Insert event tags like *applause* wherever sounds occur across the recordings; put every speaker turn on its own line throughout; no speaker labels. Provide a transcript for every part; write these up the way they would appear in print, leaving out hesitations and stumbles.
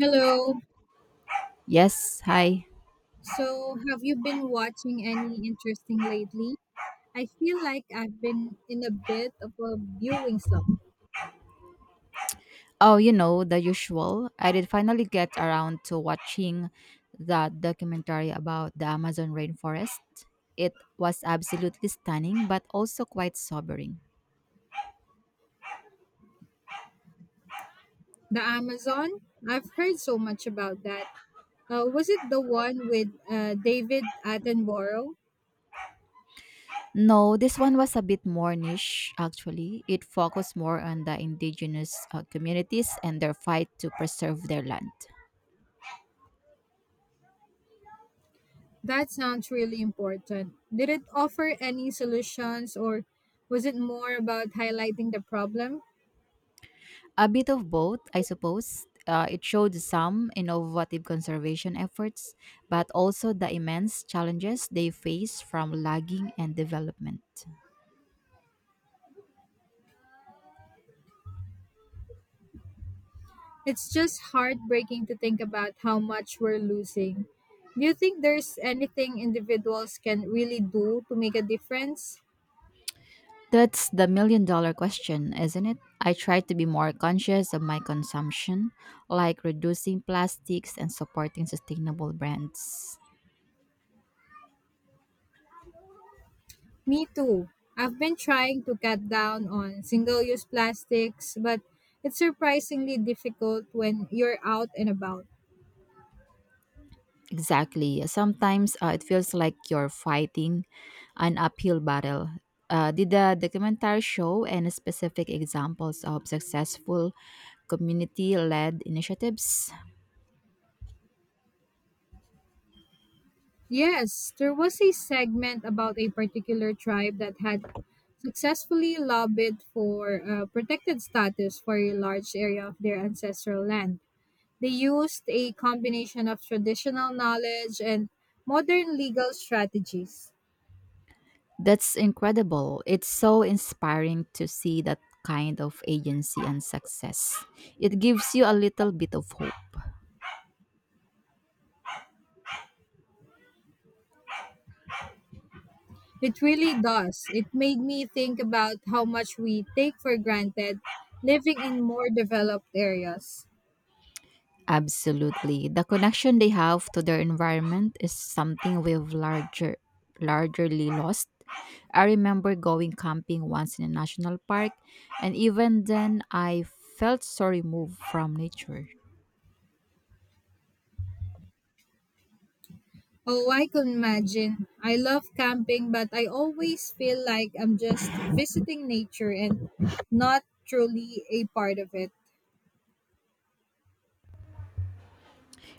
Hello.
Yes, hi.
So, have you been watching any interesting lately? I feel like I've been in a bit of a viewing slump.
Oh, you know, the usual. I did finally get around to watching that documentary about the Amazon rainforest. It was absolutely stunning, but also quite sobering.
The Amazon, I've heard so much about that. Was it the one with David Attenborough?
No, this one was a bit more niche, actually. It focused more on the indigenous communities and their fight to preserve their land.
That sounds really important. Did it offer any solutions or was it more about highlighting the problem?
A bit of both, I suppose. It showed some innovative conservation efforts, but also the immense challenges they face from logging and development.
It's just heartbreaking to think about how much we're losing. Do you think there's anything individuals can really do to make a difference?
That's the million dollar question, isn't it? I try to be more conscious of my consumption, like reducing plastics and supporting sustainable brands.
Me too. I've been trying to cut down on single use plastics, but it's surprisingly difficult when you're out and about.
Exactly. Sometimes it feels like you're fighting an uphill battle. Did the documentary show any specific examples of successful community led initiatives?
Yes, there was a segment about a particular tribe that had successfully lobbied for protected status for a large area of their ancestral land. They used a combination of traditional knowledge and modern legal strategies.
That's incredible. It's so inspiring to see that kind of agency and success. It gives you a little bit of hope.
It really does. It made me think about how much we take for granted living in more developed areas.
Absolutely. The connection they have to their environment is something we've larger largely lost. I remember going camping once in a national park and even then I felt so removed from nature.
Oh, I can imagine. I love camping, but I always feel like I'm just visiting nature and not truly a part of it.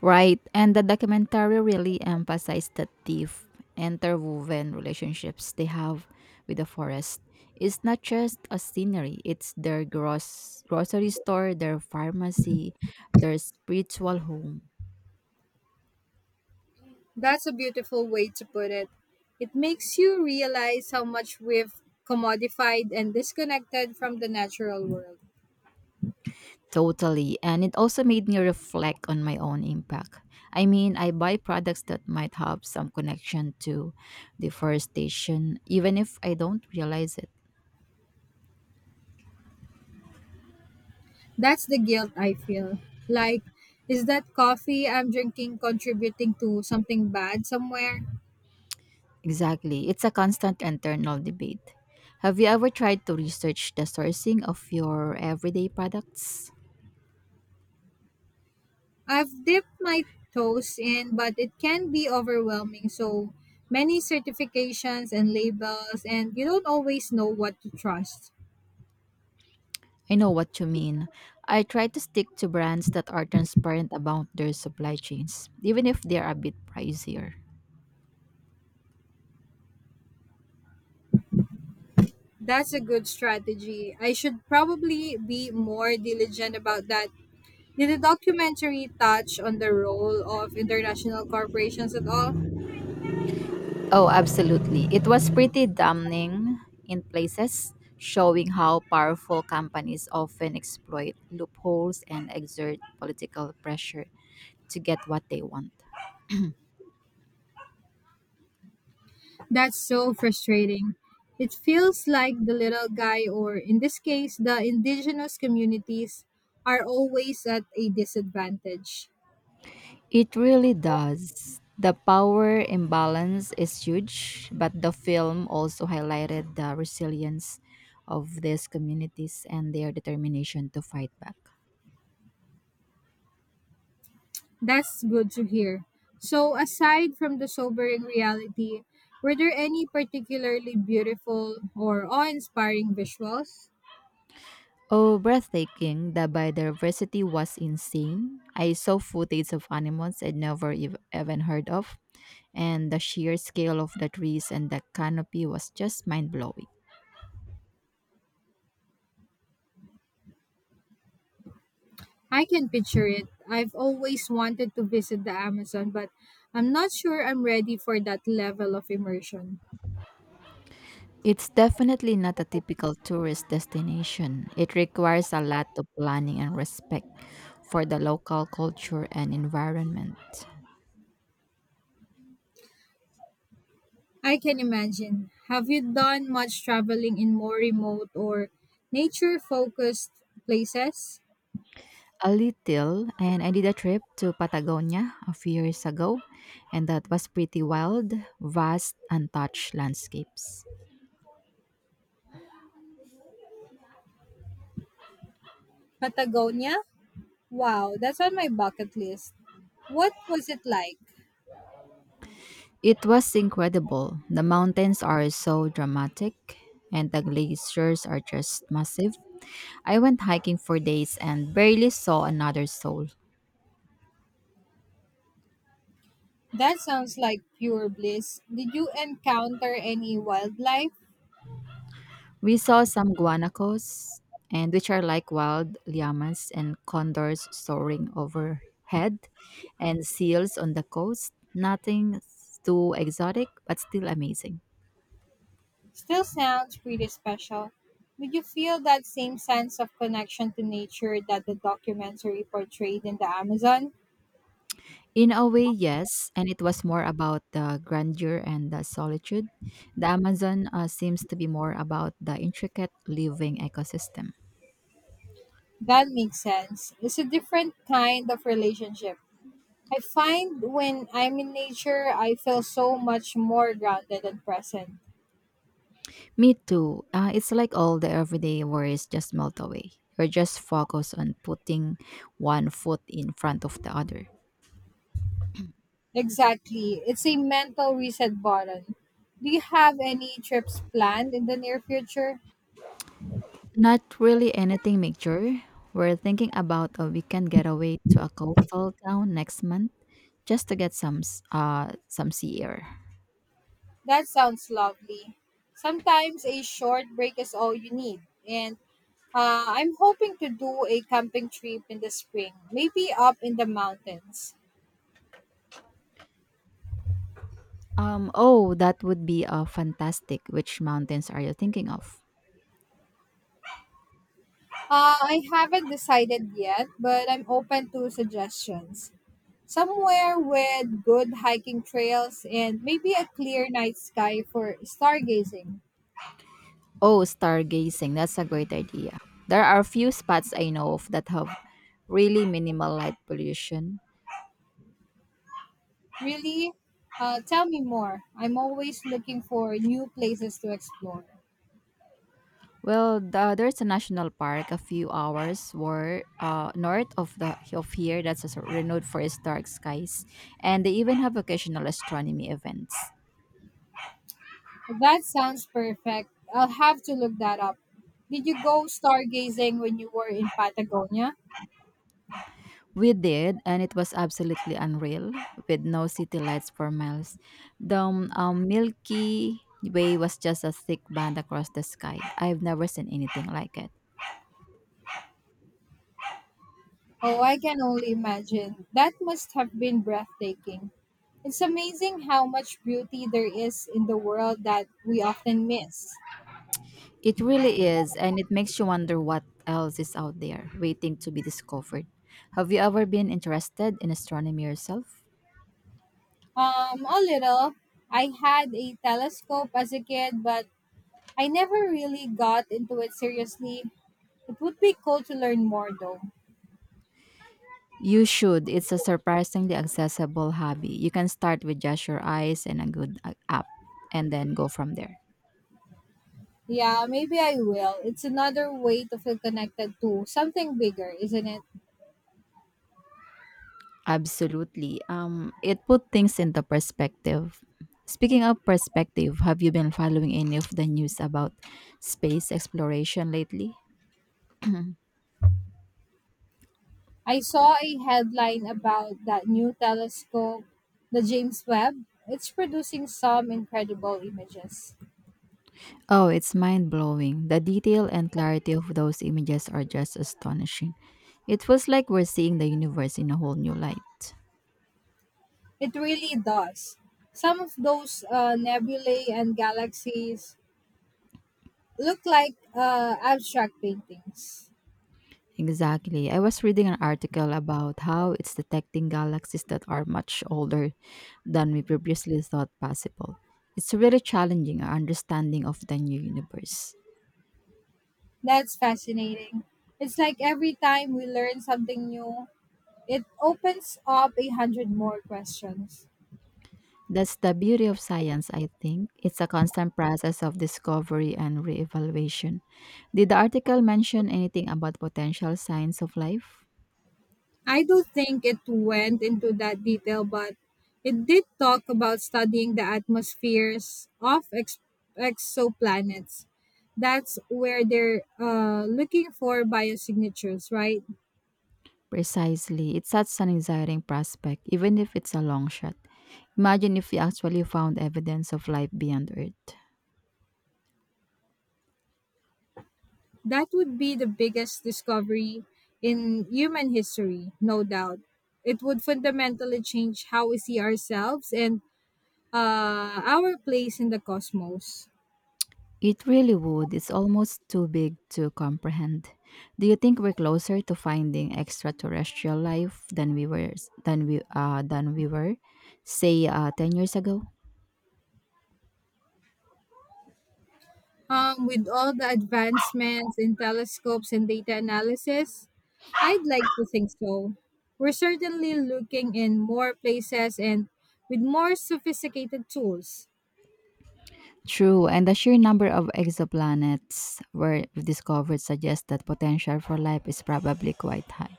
Right. And the documentary really emphasized the deep interwoven relationships they have with the forest. It's not just a scenery, it's their gross grocery store, their pharmacy, their spiritual home.
That's a beautiful way to put it. It makes you realize how much we've commodified and disconnected from the natural world.
Totally. And it also made me reflect on my own impact. I mean, I buy products that might have some connection to deforestation, even if I don't realize it.
That's the guilt I feel. Like, is that coffee I'm drinking contributing to something bad somewhere?
Exactly. It's a constant internal debate. Have you ever tried to research the sourcing of your everyday products?
I've dipped my toes in, but it can be overwhelming. So many certifications and labels, and you don't always know what to trust.
I know what you mean. I try to stick to brands that are transparent about their supply chains, even if they're a bit pricier.
That's a good strategy. I should probably be more diligent about that. Did the documentary touch on the role of international corporations at all?
Oh, absolutely. It was pretty damning in places, showing how powerful companies often exploit loopholes and exert political pressure to get what they want.
That's so frustrating. It feels like the little guy, or in this case, the indigenous communities, are always at a disadvantage.
It really does. The power imbalance is huge, but the film also highlighted the resilience of these communities and their determination to fight back.
That's good to hear. So, aside from the sobering reality, were there any particularly beautiful or awe inspiring visuals?
Oh, breathtaking. The biodiversity was insane. I saw footage of animals I'd never ev- even heard of, and the sheer scale of the trees and the canopy was just mind blowing.
I can picture it. I've always wanted to visit the Amazon, but I'm not sure I'm ready for that level of immersion.
It's definitely not a typical tourist destination. It requires a lot of planning and respect for the local culture and environment.
I can imagine. Have you done much traveling in more remote or nature focused places?
A little, and I did a trip to Patagonia a few years ago, and that was pretty wild, vast, untouched landscapes.
Patagonia? Wow, that's on my bucket list. What was it like?
It was incredible. The mountains are so dramatic, and the glaciers are just massive. I went hiking for days and barely saw another soul.
That sounds like pure bliss. Did you encounter any wildlife?
We saw some guanacos, and which are like wild llamas and condors soaring overhead, and seals on the coast. Nothing too exotic, but still amazing.
Still sounds pretty special. Did you feel that same sense of connection to nature that the documentary portrayed in the Amazon?
In a way, yes, and it was more about the grandeur and the solitude. The Amazon seems to be more about the intricate living ecosystem.
That makes sense. It's a different kind of relationship. I find when I'm in nature, I feel so much more grounded and present.
Me too. It's like all the everyday worries just melt away. You're just focused on putting one foot in front of the other.
Exactly. It's a mental reset button. Do you have any trips planned in the near future?
Not really anything major. We're thinking about a weekend getaway to a coastal town next month just to get some sea air.
That sounds lovely. Sometimes a short break is all you need. And I'm hoping to do a camping trip in the spring, maybe up in the mountains.
Oh, that would be fantastic. Which mountains are you thinking of?
I haven't decided yet, but I'm open to suggestions. Somewhere with good hiking trails and maybe a clear night sky for stargazing.
Oh, stargazing. That's a great idea. There are a few spots I know of that have really minimal light pollution.
Really? Tell me more. I'm always looking for new places to explore.
Well, there's a national park a few hours were north of here that's also renowned for its dark skies, and they even have occasional astronomy events.
That sounds perfect. I'll have to look that up. Did you go stargazing when you were in Patagonia?
We did, and it was absolutely unreal, with no city lights for miles. The Milky Way was just a thick band across the sky. I've never seen anything like it.
Oh, I can only imagine. That must have been breathtaking. It's amazing how much beauty there is in the world that we often miss.
It really is, and it makes you wonder what else is out there waiting to be discovered. Have you ever been interested in astronomy yourself?
A little. I had a telescope as a kid, but I never really got into it seriously. It would be cool to learn more, though.
You should. It's a surprisingly accessible hobby. You can start with just your eyes and a good app and then go from there.
Yeah, maybe I will. It's another way to feel connected to something bigger, isn't it?
Absolutely. It put things into perspective. Speaking of perspective, have you been following any of the news about space exploration lately? *clears throat*
I saw a headline about that new telescope, the James Webb. It's producing some incredible images.
Oh, it's mind blowing. The detail and clarity of those images are just astonishing. It was like we're seeing the universe in a whole new light.
It really does. Some of those nebulae and galaxies look like abstract paintings.
Exactly. I was reading an article about how it's detecting galaxies that are much older than we previously thought possible. It's really challenging our understanding of the new universe.
That's fascinating. It's like every time we learn something new, it opens up a hundred more questions.
That's the beauty of science, I think. It's a constant process of discovery and reevaluation. Did the article mention anything about potential signs of life?
I don't think it went into that detail, but it did talk about studying the atmospheres of exoplanets. That's where they're looking for biosignatures, right?
Precisely. It's such an exciting prospect, even if it's a long shot. Imagine if we actually found evidence of life beyond Earth.
That would be the biggest discovery in human history, no doubt. It would fundamentally change how we see ourselves and our place in the cosmos.
It really would. It's almost too big to comprehend. Do you think we're closer to finding extraterrestrial life than we were, say, 10 years ago?
With all the advancements in telescopes and data analysis, I'd like to think so. We're certainly looking in more places and with more sophisticated tools.
True, and the sheer number of exoplanets were discovered suggests that potential for life is probably quite high.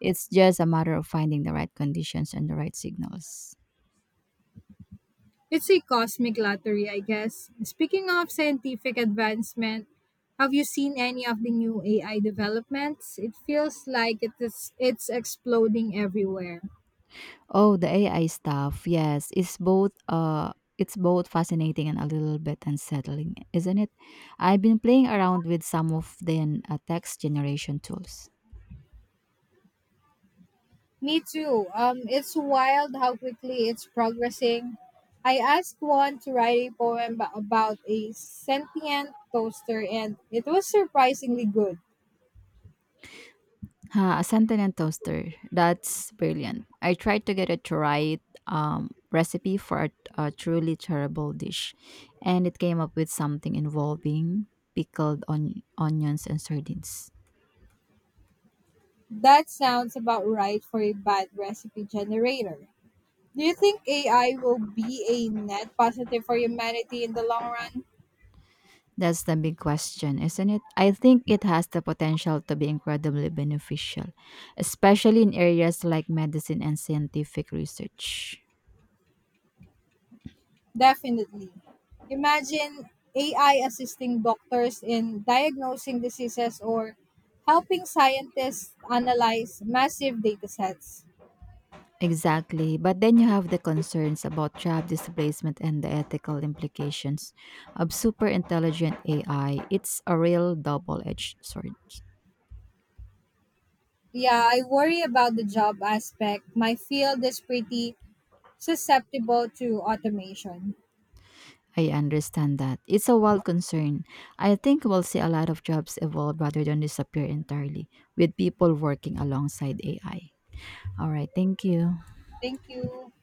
It's just a matter of finding the right conditions and the right signals.
It's a cosmic lottery, I guess. Speaking of scientific advancement, have you seen any of the new AI developments? It feels like it's exploding everywhere.
Oh, the AI stuff. Yes, it's both fascinating and a little bit unsettling, isn't it? I've been playing around with some of the text generation tools.
Me too. It's wild how quickly it's progressing. I asked one to write a poem about a sentient toaster, and it was surprisingly good.
Ha, a sentient toaster. That's brilliant. I tried to get it to write recipe for a truly terrible dish, and it came up with something involving pickled onions and sardines.
That sounds about right for a bad recipe generator. Do you think AI will be a net positive for humanity in the long run?
That's the big question, isn't it? I think it has the potential to be incredibly beneficial, especially in areas like medicine and scientific research.
Definitely. Imagine AI assisting doctors in diagnosing diseases or helping scientists analyze massive data sets.
Exactly. But then you have the concerns about job displacement and the ethical implications of super intelligent AI. It's a real double edged sword.
Yeah, I worry about the job aspect. My field is pretty susceptible to automation.
I understand that. It's a wild concern. I think we'll see a lot of jobs evolve rather than disappear entirely, with people working alongside AI. All right. Thank you.
Thank you.